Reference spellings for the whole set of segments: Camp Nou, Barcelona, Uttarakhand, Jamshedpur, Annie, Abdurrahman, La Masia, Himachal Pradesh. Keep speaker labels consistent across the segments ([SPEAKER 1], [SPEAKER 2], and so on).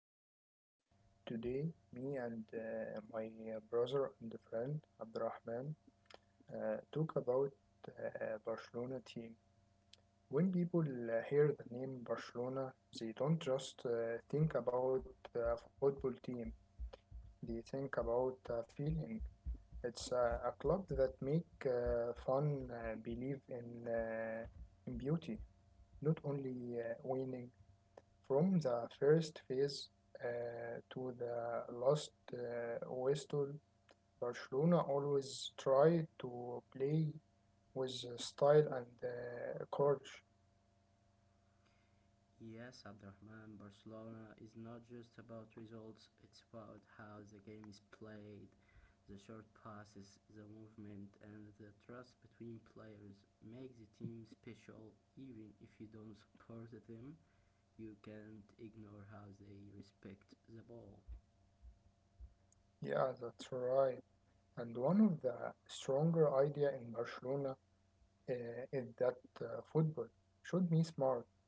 [SPEAKER 1] new object. Today, me and my brother and friend Abdurrahman talk about Barcelona team. When people hear the name Barcelona, they don't just think about a football team. They think about a feeling. It's a club that make fun believe in in beauty, not only winning. From the first phase to the last whistle, Barcelona always try to play with style and courage.
[SPEAKER 2] Yes, Abdurrahman, Barcelona is not just about results, it's about how the game is played, the short passes, the movement, and the trust between players make the team special. Even if you don't support them, you can't ignore how they respect the ball.
[SPEAKER 1] Yeah, that's right. And one of the stronger idea in Barcelona uh, is that football should be smart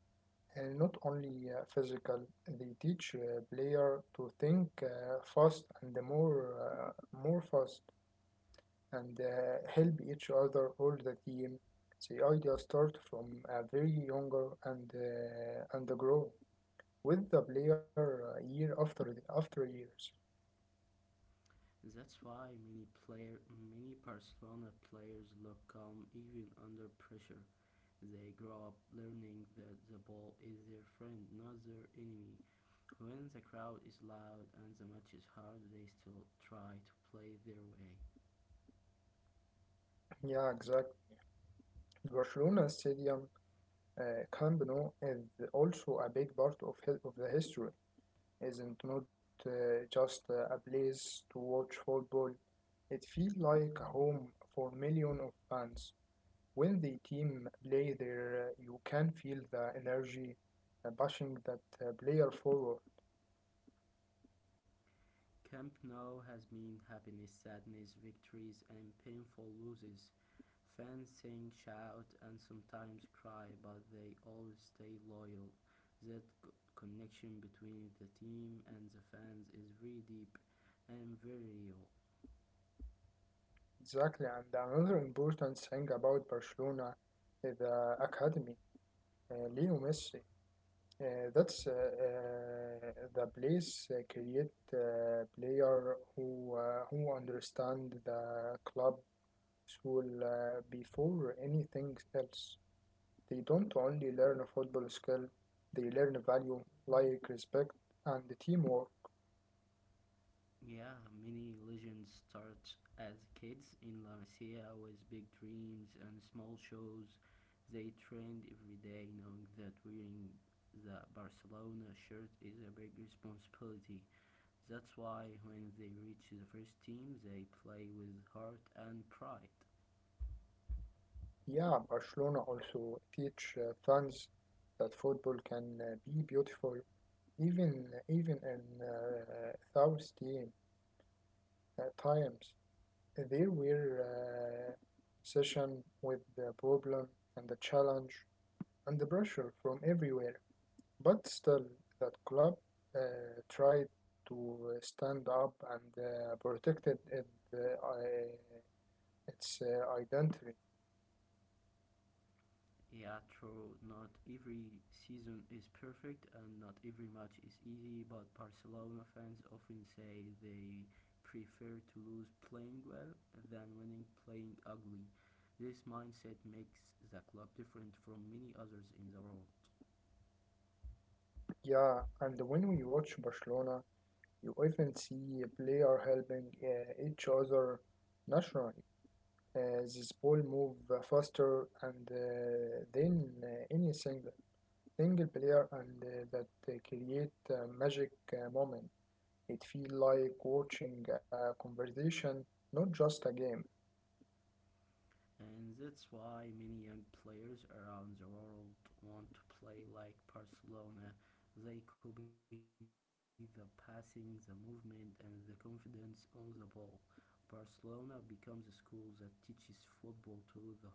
[SPEAKER 1] and not only physical. They teach player to think fast and more fast, and help each other all the team. The idea start from a very younger and grow with the player year after years.
[SPEAKER 2] That's why many player, Many Barcelona players look calm even under pressure. They grow up learning that the ball is their friend, not their enemy. When the crowd is loud and the match is hard, they still try to play their way.
[SPEAKER 1] Yeah, exactly. The Barcelona Stadium, Camp Nou, is also a big part of the history. Isn't not just a place to watch football. It feels like a home for millions of fans. When the team play there, you can feel the energy pushing that player forward.
[SPEAKER 2] Camp Nou has meant happiness, sadness, victories, and painful losses. Fans sing, shout, and sometimes cry, but they always stay loyal. That c- connection between the team and the fans is very deep and very real.
[SPEAKER 1] Exactly, and another important thing about Barcelona is the academy, Leo Messi. That's The place create player who understand the club soul before anything else. They don't only learn football skill, they learn value like respect and teamwork.
[SPEAKER 2] Yeah, many legends start as kids in La Masia with big dreams and small shows. They trained every day knowing that wearing the Barcelona shirt is a big responsibility. That's why when they reach the first team, they play with heart and pride.
[SPEAKER 1] Yeah, Barcelona also teach fans that football can be beautiful even in thirsty times. There were session with the problem and the challenge and the pressure from everywhere, but still that club tried to stand up and protected its identity.
[SPEAKER 2] Yeah, true. Not every season is perfect and not every match is easy, but Barcelona fans often say they prefer to lose playing well than winning playing ugly. This mindset makes the club different from many others in the world.
[SPEAKER 1] Yeah, and when we watch Barcelona, you often see a player helping each other naturally. This ball move faster and then any single player, and that create a magic moment. It feel like watching a conversation, not just a game.
[SPEAKER 2] And that's why many young players around the world want to play like Barcelona. They copy the passing, the movement, and the confidence on the ball. Barcelona becomes a school that teaches football to the whole world.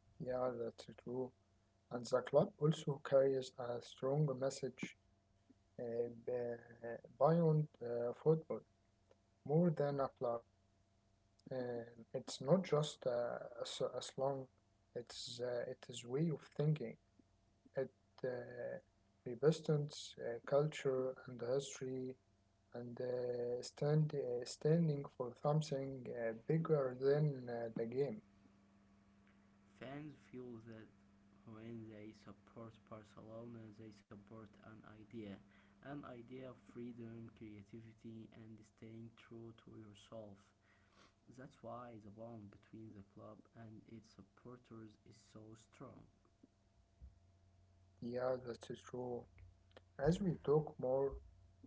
[SPEAKER 1] Yeah, that's true. And the club also carries a strong message beyond football. More than a club, and it's not just a slang. It is way of thinking. It uh, represents culture and history, and standing for something bigger than the game.
[SPEAKER 2] Fans feel that when they support Barcelona, they support an idea of freedom, creativity, and staying true to yourself. That's why the bond between the club and its supporters is so strong,
[SPEAKER 1] Yeah, that is true. As we talk more,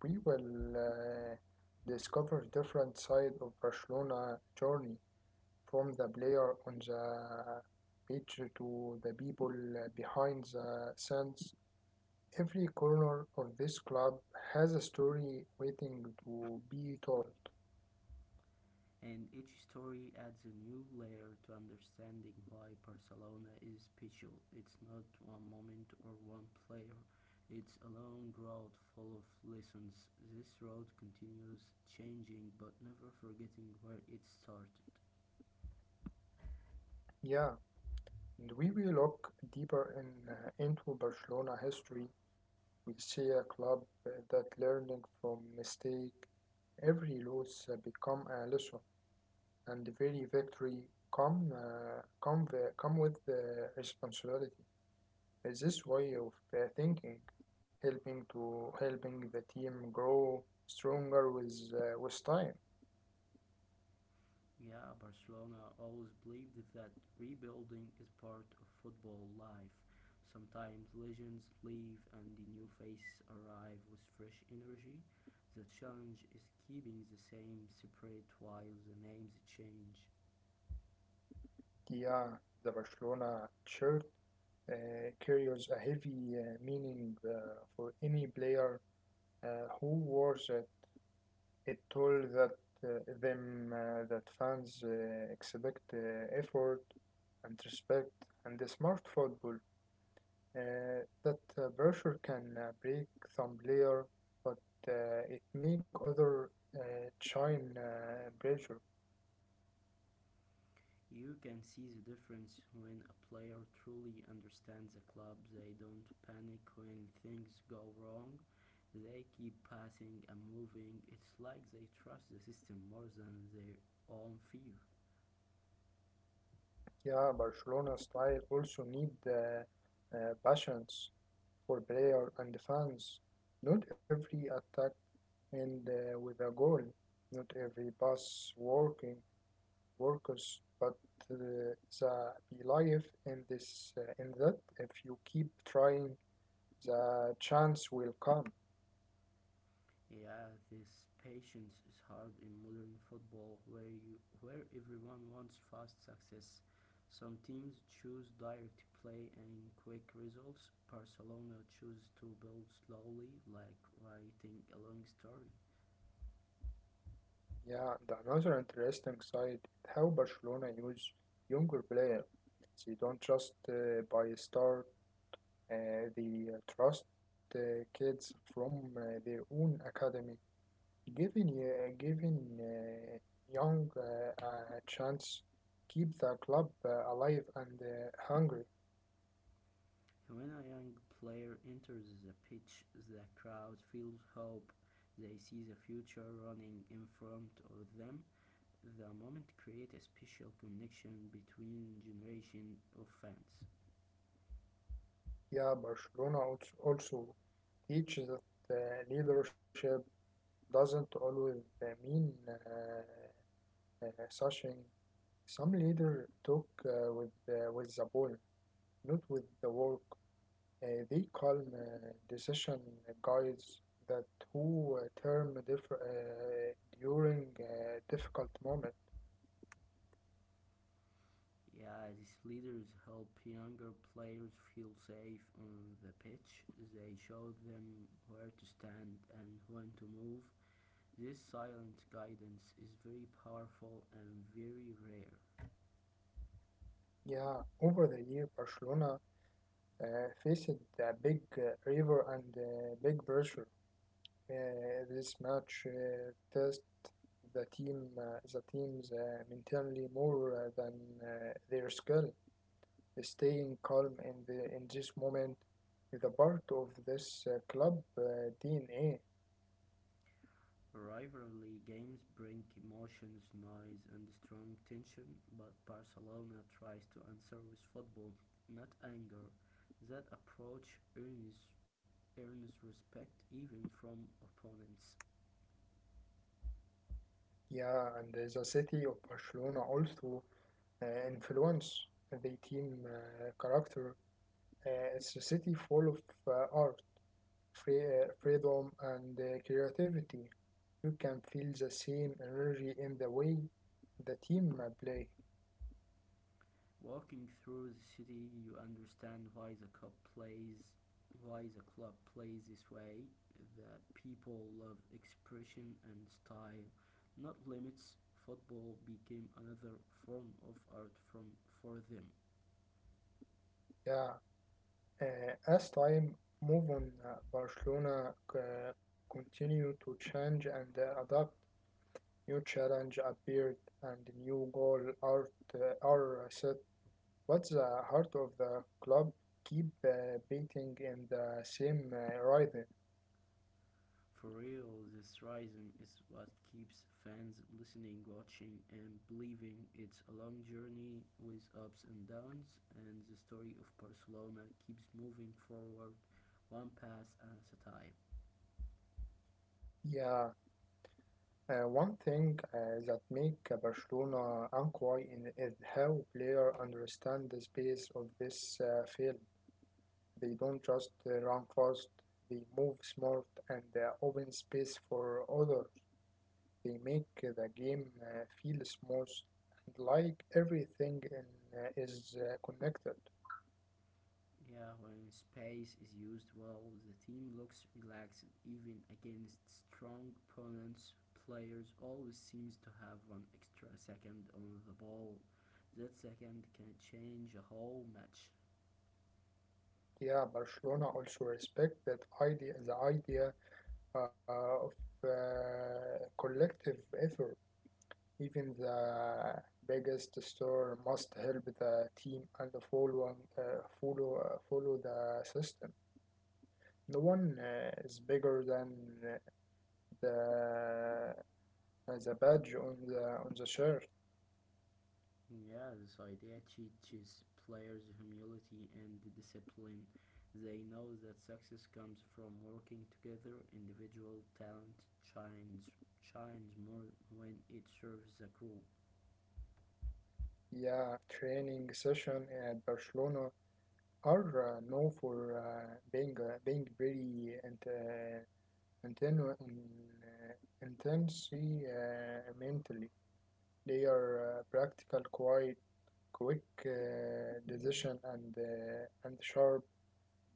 [SPEAKER 1] we will discover different side of Barcelona journey from the player on the pitch to the people behind the scenes. Every corner of this club has a story waiting to be told.
[SPEAKER 2] and each story adds a new layer to understanding why Barcelona is special. It's not one moment or one player, it's a long road full of lessons. This road continues changing but never forgetting where it started.
[SPEAKER 1] Yeah, and we will look deeper into Barcelona history. We see a club that learning from mistake, every loss become a lesson, and every victory come with the responsibility. Is this way of thinking helping the team grow stronger with time?
[SPEAKER 2] Yeah, Barcelona always believed that rebuilding is part of football life. Sometimes legends leave and the new face arrive with fresh energy. The challenge is keeping the same spirit while the names change.
[SPEAKER 1] Yeah, the Barcelona shirt uh, carries a heavy meaning for any player who wears it. It told that fans expect effort and respect and the smart football. Uh, that pressure can break some player, but it make other uh, shine pressure.
[SPEAKER 2] You can see the difference when a player truly understands the club. They don't panic when things go wrong. They keep passing and moving. It's like they trust the system more than their own fear.
[SPEAKER 1] Yeah, Barcelona style also need passions for player and fans. Not every attack end with a goal. Not every pass working works, but uh, the belief in this in that if you keep trying, the chance will come.
[SPEAKER 2] Yeah, this patience is hard in modern football where you where everyone wants fast success. Some teams choose direct play and quick results. Barcelona chooses to build slowly like writing a long story.
[SPEAKER 1] Yeah, the another interesting side is how Barcelona use younger player. They don't trust by star. They trust kids from their own academy, giving young a chance, keep the club alive and hungry.
[SPEAKER 2] When a young player enters the pitch, the crowd feels hope. They see the future running in front of them. The moment creates a special connection between generation of fans.
[SPEAKER 1] Yeah, Barcelona also teaches that leadership doesn't always mean Sachin, some leaders talk with the ball, not with the work. They call decision guides that who term during difficult moment.
[SPEAKER 2] Yeah, these leaders help younger players feel safe on the pitch. They show them where to stand and when to move. This silent guidance is very powerful and very rare.
[SPEAKER 1] Yeah, over the year, Barcelona uh, faced a big river and big pressure. This match test the team's mentally more than their skill. Staying calm in the in this moment is a part of this club DNA.
[SPEAKER 2] Rivalry games bring emotions, noise, and strong tension, but Barcelona tries to answer with football, not anger. That approach earns, Earns respect even from opponents.
[SPEAKER 1] Yeah, and the city of Barcelona also influence the team character. It's a city full of art, freedom, and creativity. You can feel the same energy in the way the team play.
[SPEAKER 2] Walking through the city, you understand why the club plays this way. The people love expression and style, not limits. Football became another form of art from for them.
[SPEAKER 1] Yeah, Uh, as time moved on, Barcelona continued to change and adapt. New challenge appeared, and new goal are set. But the heart of the club keep beating in the same rhythm.
[SPEAKER 2] For real, this rhythm is what keeps fans listening, watching, and believing. It's a long journey with ups and downs, and the story of Barcelona keeps moving forward, one pass at a time.
[SPEAKER 1] Yeah, one thing that make Barcelona unquiet in is how player understand the space of this field. They don't just run fast, they move smart and open space for others. They make the game feel smooth and like everything is connected.
[SPEAKER 2] Yeah, when space is used well, the team looks relaxed even against strong opponents. Players always seems to have one extra second on the ball. That second can change a whole match.
[SPEAKER 1] Yeah, Barcelona also respect that idea, the idea of collective effort. Even the biggest store must help the team and follow the system. No one is bigger than uh, the the badge on the shirt.
[SPEAKER 2] Yeah, this idea teaches players humility and discipline. They know that success comes from working together. Individual talent shines more when it serves a group.
[SPEAKER 1] Yeah, training session at Barcelona are known for being very and inten- in, intense mentally. They are practical, quite quick decision and sharp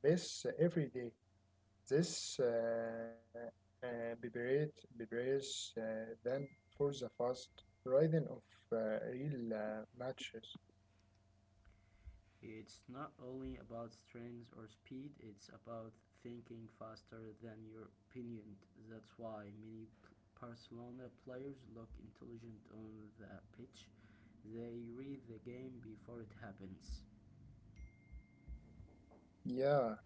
[SPEAKER 1] pace every day. This prepares them for the fast rhythm of real matches.
[SPEAKER 2] It's not only about strength or speed, it's about thinking faster than your opponent. That's why many p- Barcelona players look intelligent on the pitch. They read the game before it happens.
[SPEAKER 1] Yeah,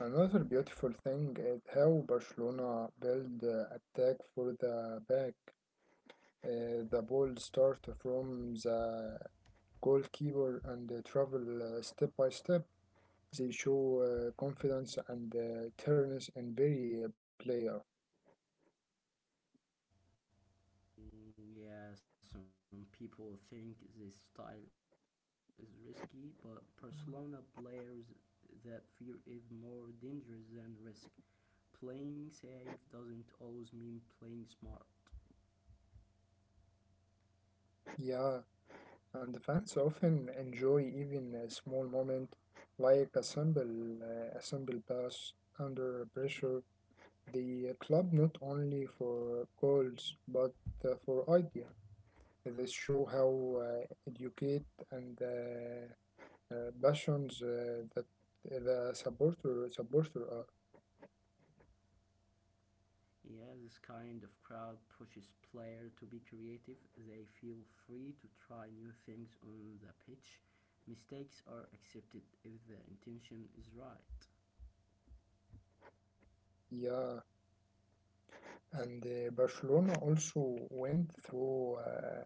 [SPEAKER 1] another beautiful thing is how Barcelona build attack for the back. The ball start from the goalkeeper and travel step by step. They show confidence and turns in very player.
[SPEAKER 2] Mm, yeah, some people think this style is risky, but Barcelona players that fear is more dangerous than risk. Playing safe doesn't always mean playing smart.
[SPEAKER 1] Yeah, and the fans often enjoy even a small moment like a simple pass under pressure. The club not only for goals but for idea. This show how educate and passions that the supporter are.
[SPEAKER 2] Yeah, this kind of crowd pushes player to be creative. They feel free to try new things on the pitch. Mistakes are accepted if the intention is right.
[SPEAKER 1] Yeah, and Barcelona also went through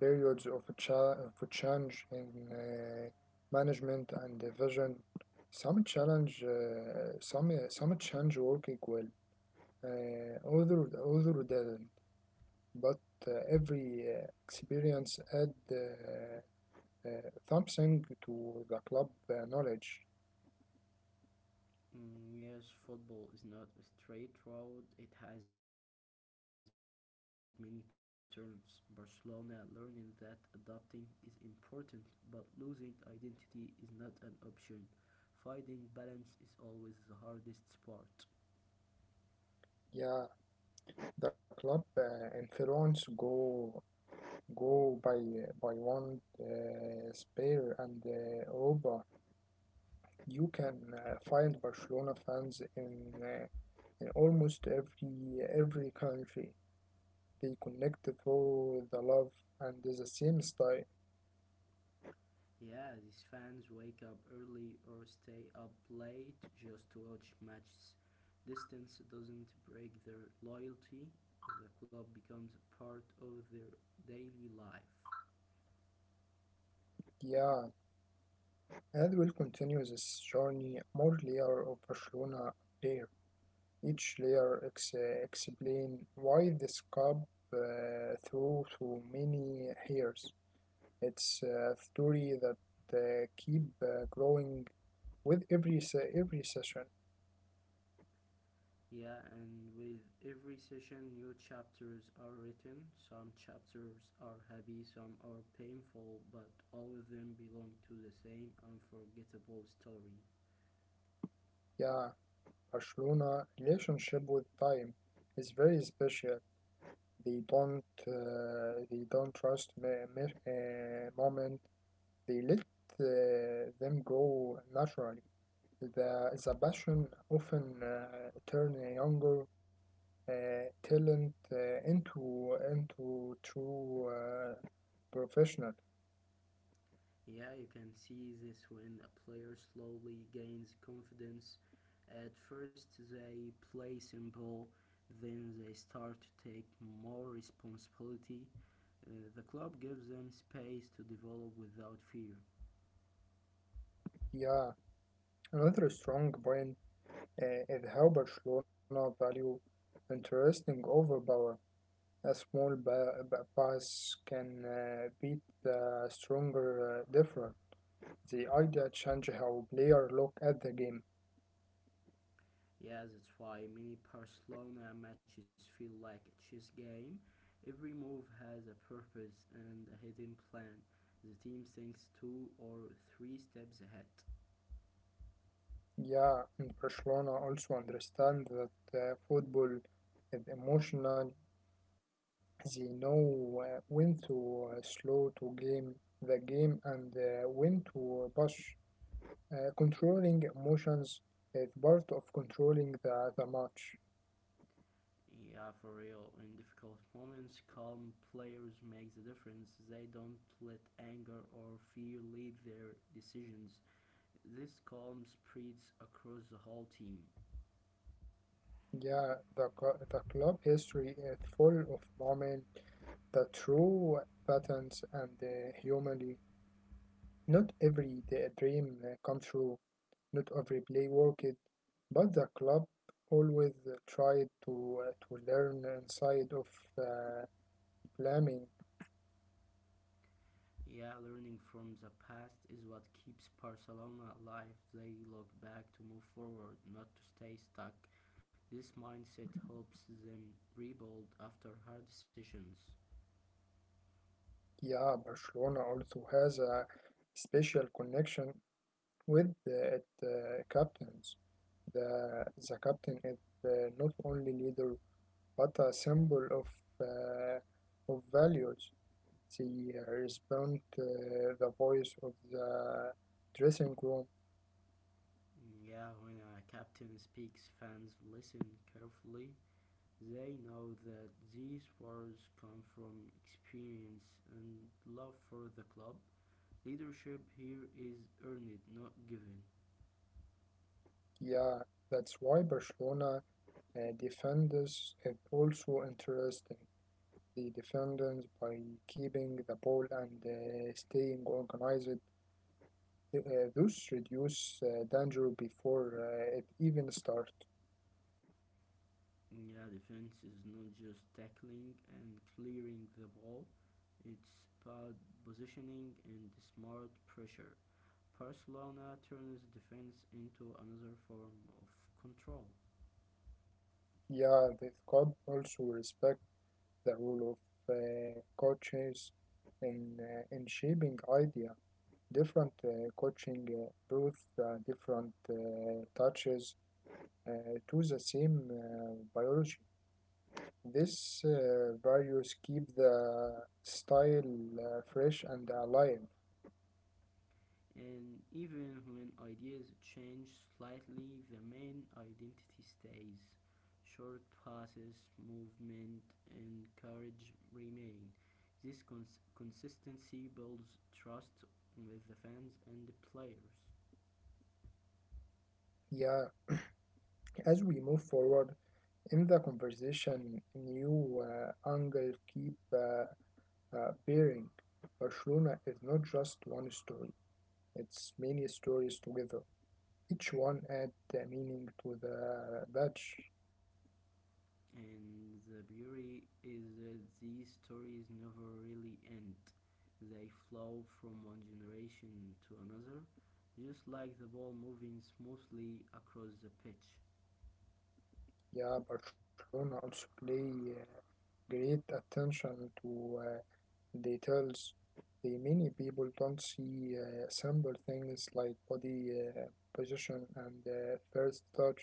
[SPEAKER 1] periods of change in management and vision. Some challenge, some change working well. Other didn't. But every experience add something to the club knowledge.
[SPEAKER 2] Mm, yes, football is not a straight road. It has many turns. Barcelona learning that adapting is important, but losing identity is not an option. Finding balance is always the hardest part.
[SPEAKER 1] Yeah, the club influence go by one spare and Europa. You can find Barcelona fans in almost every country. They connect through the love and the same style.
[SPEAKER 2] Yeah, these fans wake up early or stay up late just to watch matches. Distance doesn't break their loyalty. The club becomes a part of their daily life.
[SPEAKER 1] Yeah, and we'll continue this journey. More layer of Barcelona there. Each layer explain why this club through so many years. It's a story that keep growing with every every session.
[SPEAKER 2] Yeah, and with every session, new chapters are written. Some chapters are happy, some are painful, but all of them belong to the same unforgettable story.
[SPEAKER 1] Yeah, Barcelona relationship with time is very special. They don't trust moment. They let them grow naturally. The passion often turn a younger talent into true professional.
[SPEAKER 2] Yeah, you can see this when a player slowly gains confidence. At first, they play simple, then they start to take more responsibility. The club gives them space to develop without fear.
[SPEAKER 1] Yeah, another strong point is how Barcelona value interesting overpower. A small pass can beat the stronger different. The idea change how player look at the game.
[SPEAKER 2] Yeah, that's why many Barcelona matches feel like a chess game. Every move has a purpose and a hidden plan. The team thinks two or three steps ahead.
[SPEAKER 1] Yeah, and Barcelona also understand that football is emotional. They know when to slow to game the game and when to push. Controlling emotions is part of controlling the match.
[SPEAKER 2] Yeah, for real. In difficult moments, calm players make the difference. They don't let anger or fear lead their decisions. This calm spreads across the whole team.
[SPEAKER 1] Yeah, the club history is full of moments that true patterns and humanly. Not every dream come true, not every play worked, but the club always tried to learn inside of uh, blaming.
[SPEAKER 2] Yeah, learning from the past is what keeps Barcelona alive. They look back to move forward, not to stay stuck. This mindset helps them rebuild after hard decisions.
[SPEAKER 1] Yeah, Barcelona also has a special connection with its captains. The captain is not only leader but a symbol uh, of values. He respond to the voice of the dressing room.
[SPEAKER 2] Mm, yeah, when a captain speaks, fans listen carefully. They know that these words come from experience and love for the club. Leadership here is earned, not given.
[SPEAKER 1] Yeah, that's why Barcelona defenders is also interesting. The defenders by keeping the ball and staying organized, uh, those reduce danger before it even starts.
[SPEAKER 2] Yeah, defense is not just tackling and clearing the ball, it's about positioning and smart pressure. Barcelona turns defense into another form of control.
[SPEAKER 1] Yeah, the club also respect the role of coaches in shaping idea. Different coaching brings different touches to the same biology. This values keep the style fresh and alive.
[SPEAKER 2] And even when ideas change slightly, the main identity stays. Short passes, movement, and courage remain. This consistency builds trust with the fans and the players.
[SPEAKER 1] Yeah, as we move forward in the conversation, new angle keep bearing. Barcelona is not just one story; it's many stories together. Each one add meaning to the badge.
[SPEAKER 2] And the beauty is that these stories never really end. They flow from one generation to another, just like the ball moving smoothly across the pitch.
[SPEAKER 1] Yeah, Barcelona also play great attention to details. The many people don't see simple things like body position and first touch,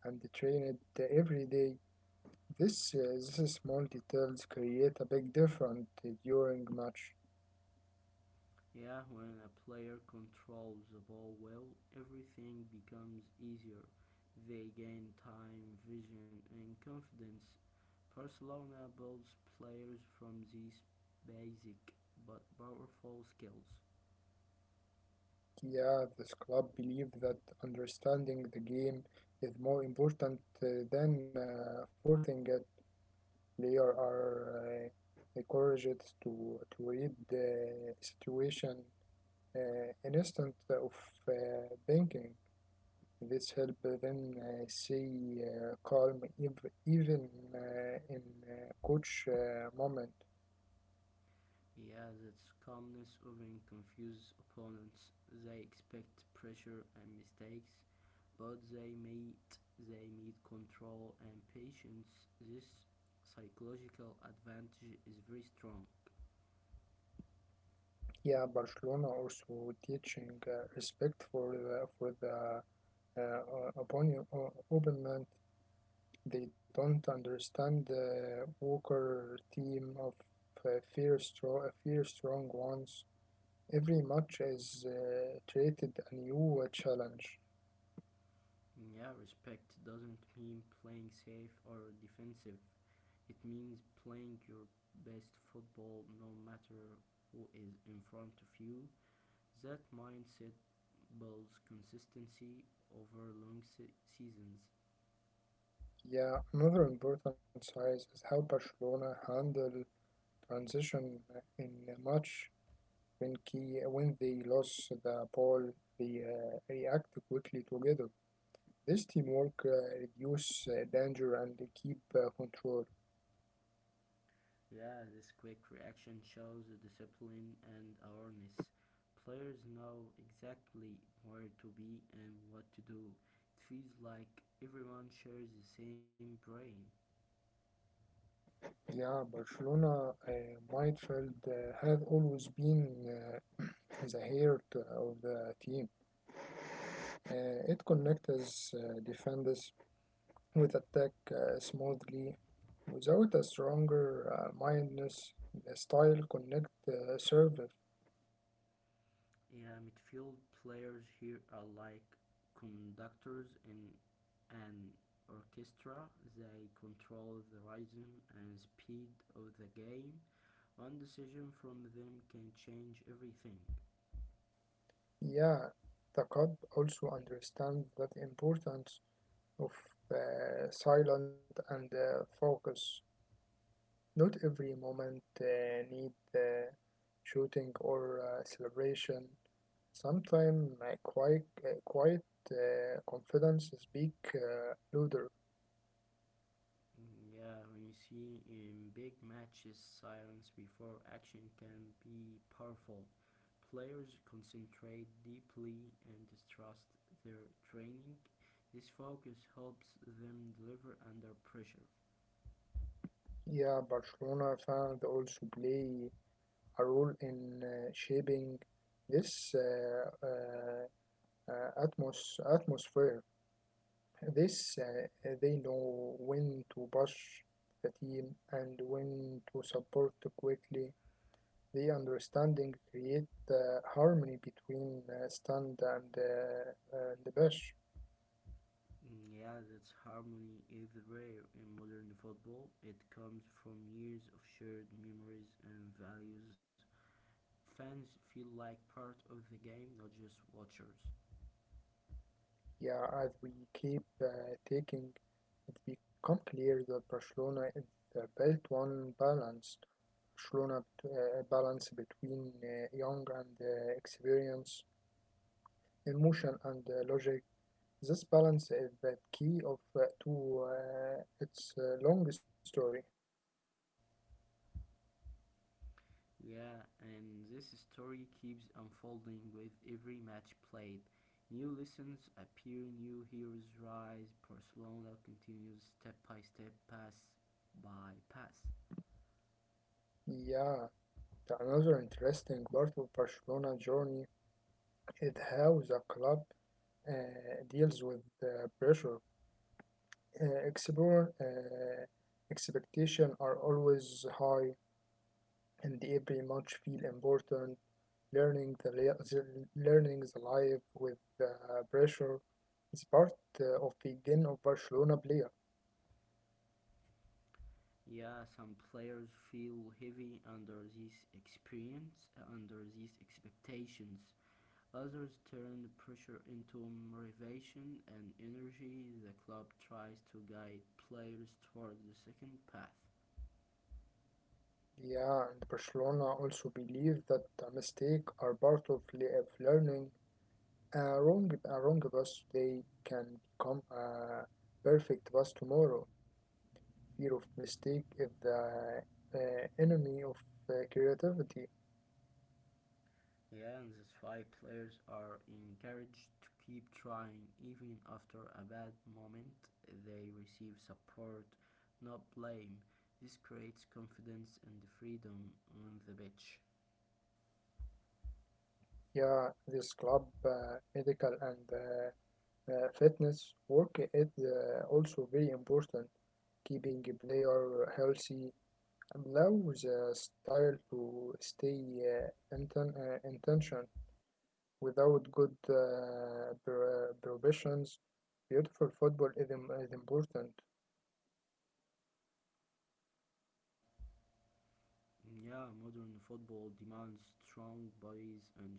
[SPEAKER 1] and train it every day. These small details create a big difference during match.
[SPEAKER 2] Yeah, when a player controls the ball well, everything becomes easier. They gain time, vision, and confidence. Barcelona builds players from these basic but powerful skills.
[SPEAKER 1] Yeah, this club believe that understanding the game is more important than forcing it. Players are encouraged to read the situation instead of banking. This help them stay calm even in coach moment.
[SPEAKER 2] Yeah, has its calmness often confuses opponents. They expect pressure and mistakes, but they need control and patience. This psychological advantage is very strong.
[SPEAKER 1] Yeah, Barcelona also teaching respect for for the opponent. Opponent. They don't understand the Walker team of fear strong ones. Every match is treated a new challenge.
[SPEAKER 2] Yeah, respect doesn't mean playing safe or defensive. It means playing your best football no matter who is in front of you. That mindset builds consistency over long seasons.
[SPEAKER 1] Yeah, another important size is how Barcelona handle transition in a match when they lose the ball. They react quickly together. This teamwork reduce danger and keep control.
[SPEAKER 2] Yeah, this quick reaction shows discipline and awareness. Players know exactly where to be and what to do. It feels like everyone shares the same brain.
[SPEAKER 1] Yeah, Barcelona midfield have always been uh, the heart of the team. Uh, it connects defenders with attack smoothly, without a stronger mindness. The style connect serve.
[SPEAKER 2] Yeah, midfield players here are like conductors in an orchestra. They control the rhythm and speed of the game. One decision from them can change everything.
[SPEAKER 1] Yeah, the cub also understands the importance of silent and focus. Not every moment need shooting or celebration. Sometimes quiet confidence speak louder.
[SPEAKER 2] Mm, yeah, when you see in big matches, silence before action can be powerful. Players concentrate deeply and trust their training. This focus helps them deliver under pressure.
[SPEAKER 1] Yeah, Barcelona fans also play a role in shaping this atmosphere. This They know when to push the team and when to support quickly. The understanding create the harmony between stand and push.
[SPEAKER 2] Mm, yeah, that's harmony is rare in modern football. It comes from years of shared memories and values. Fans feel like part of the game, not just watchers.
[SPEAKER 1] Yeah, as we keep taking, it become clear that Barcelona is the built one balance. Barcelona balance between young and experience, emotion and logic. This balance is the key of to its long story.
[SPEAKER 2] Yeah, and this story keeps unfolding with every match played. New lessons appear, new heroes rise. Barcelona continues step by step, pass by pass.
[SPEAKER 1] Yeah, the another interesting part of Barcelona journey is how the club deals with the pressure. Uh, explore, uh, expectation are always high, and every match feel important. Learning the life with the pressure is part of the game of Barcelona player.
[SPEAKER 2] Yeah, some players feel heavy under these expectations. Others turn pressure into motivation and energy. The club tries to guide players toward the second path.
[SPEAKER 1] Yeah, and Barcelona also believe that the mistake are part of learning. A wrong bus today can become a perfect bus tomorrow. Fear of mistake is the uh, enemy of creativity.
[SPEAKER 2] Yeah, and that's why players are encouraged to keep trying even after a bad moment. They receive support, not blame. This creates confidence and freedom on the pitch.
[SPEAKER 1] Yeah, this club, medical and fitness work is also very important. Keeping a player healthy allows a style to stay intention. Without good preparations, beautiful football is important.
[SPEAKER 2] Yeah, modern football demands strong bodies and sharp minds.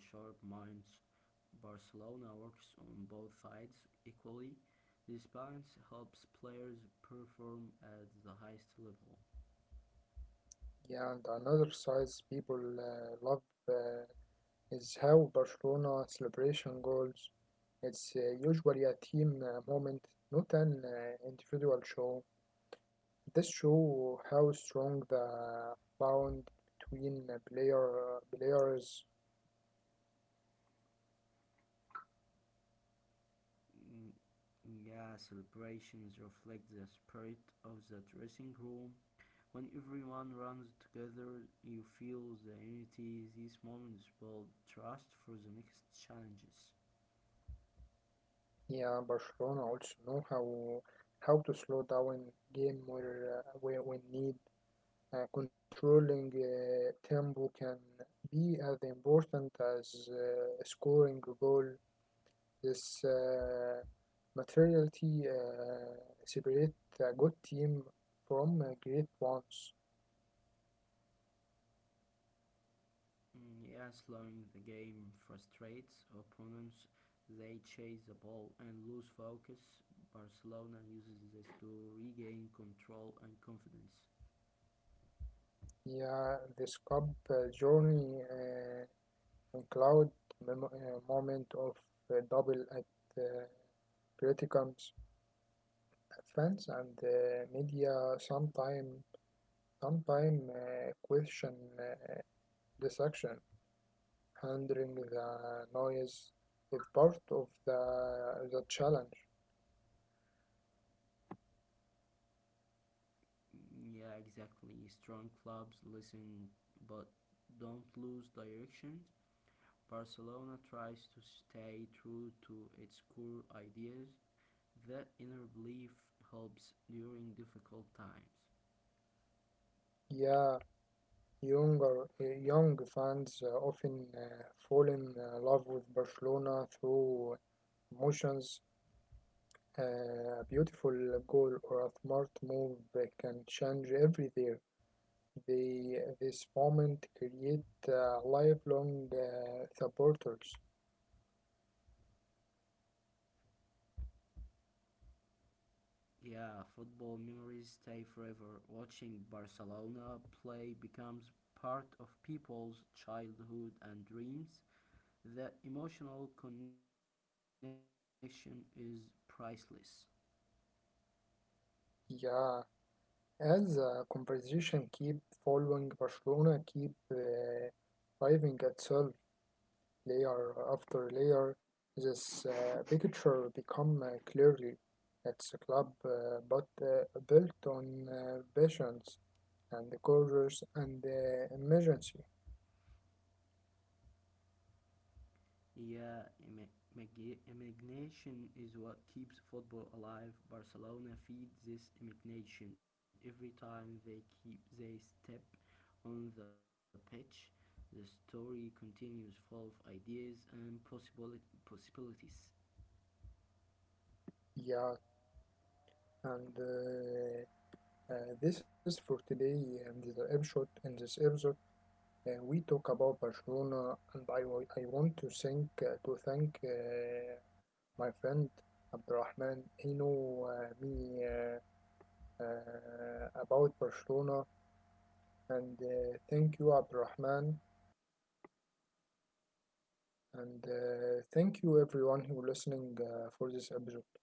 [SPEAKER 2] Barcelona works on both sides equally. This balance helps players perform at the highest level.
[SPEAKER 1] Yeah, and another size people love uh, is how Barcelona celebration goals. It's usually a team moment, not an individual show. This show how strong the bond between players.
[SPEAKER 2] Mm, yeah, celebrations reflect the spirit of the dressing room. When everyone runs together, you feel the unity. These moments build trust for the next challenges.
[SPEAKER 1] Yeah, Barcelona also know how to slow down game where when need. Controlling tempo can be as important as scoring a goal. This materiality separates a good team from great ones.
[SPEAKER 2] Mm, yeah, slowing the game frustrates opponents. They chase the ball and lose focus. Barcelona uses this to regain control and confidence.
[SPEAKER 1] Yeah, this cup journey include moment of double at uh, criticums. Fans and media sometime sometime question this action. Handling the noise is part of the challenge.
[SPEAKER 2] Mm, yeah, exactly. Strong clubs listen but don't lose direction. Barcelona tries to stay true to its core ideas. That inner belief helps during difficult times.
[SPEAKER 1] Yeah, young fans often fall in love with Barcelona through emotions. A beautiful goal or a smart move that can change everything. This moment create lifelong supporters.
[SPEAKER 2] Yeah, football memories stay forever. Watching Barcelona play becomes part of people's childhood and dreams. The emotional connection is priceless.
[SPEAKER 1] Yeah, as the conversation keep following Barcelona, keep driving itself, layer after layer. This picture become clearly it's a club but built on patience and colors and emergency.
[SPEAKER 2] Yeah, imagination is what keeps football alive. Barcelona feeds this imagination every time they step on the pitch. The story continues full of ideas and possibilities.
[SPEAKER 1] Yeah, and this is for today and the episode. In this episode, we talk about Barcelona, and I want to thank my friend Abdurrahman. He know me about Barcelona. And thank you, Abdurrahman. And thank you, everyone who listening for this episode.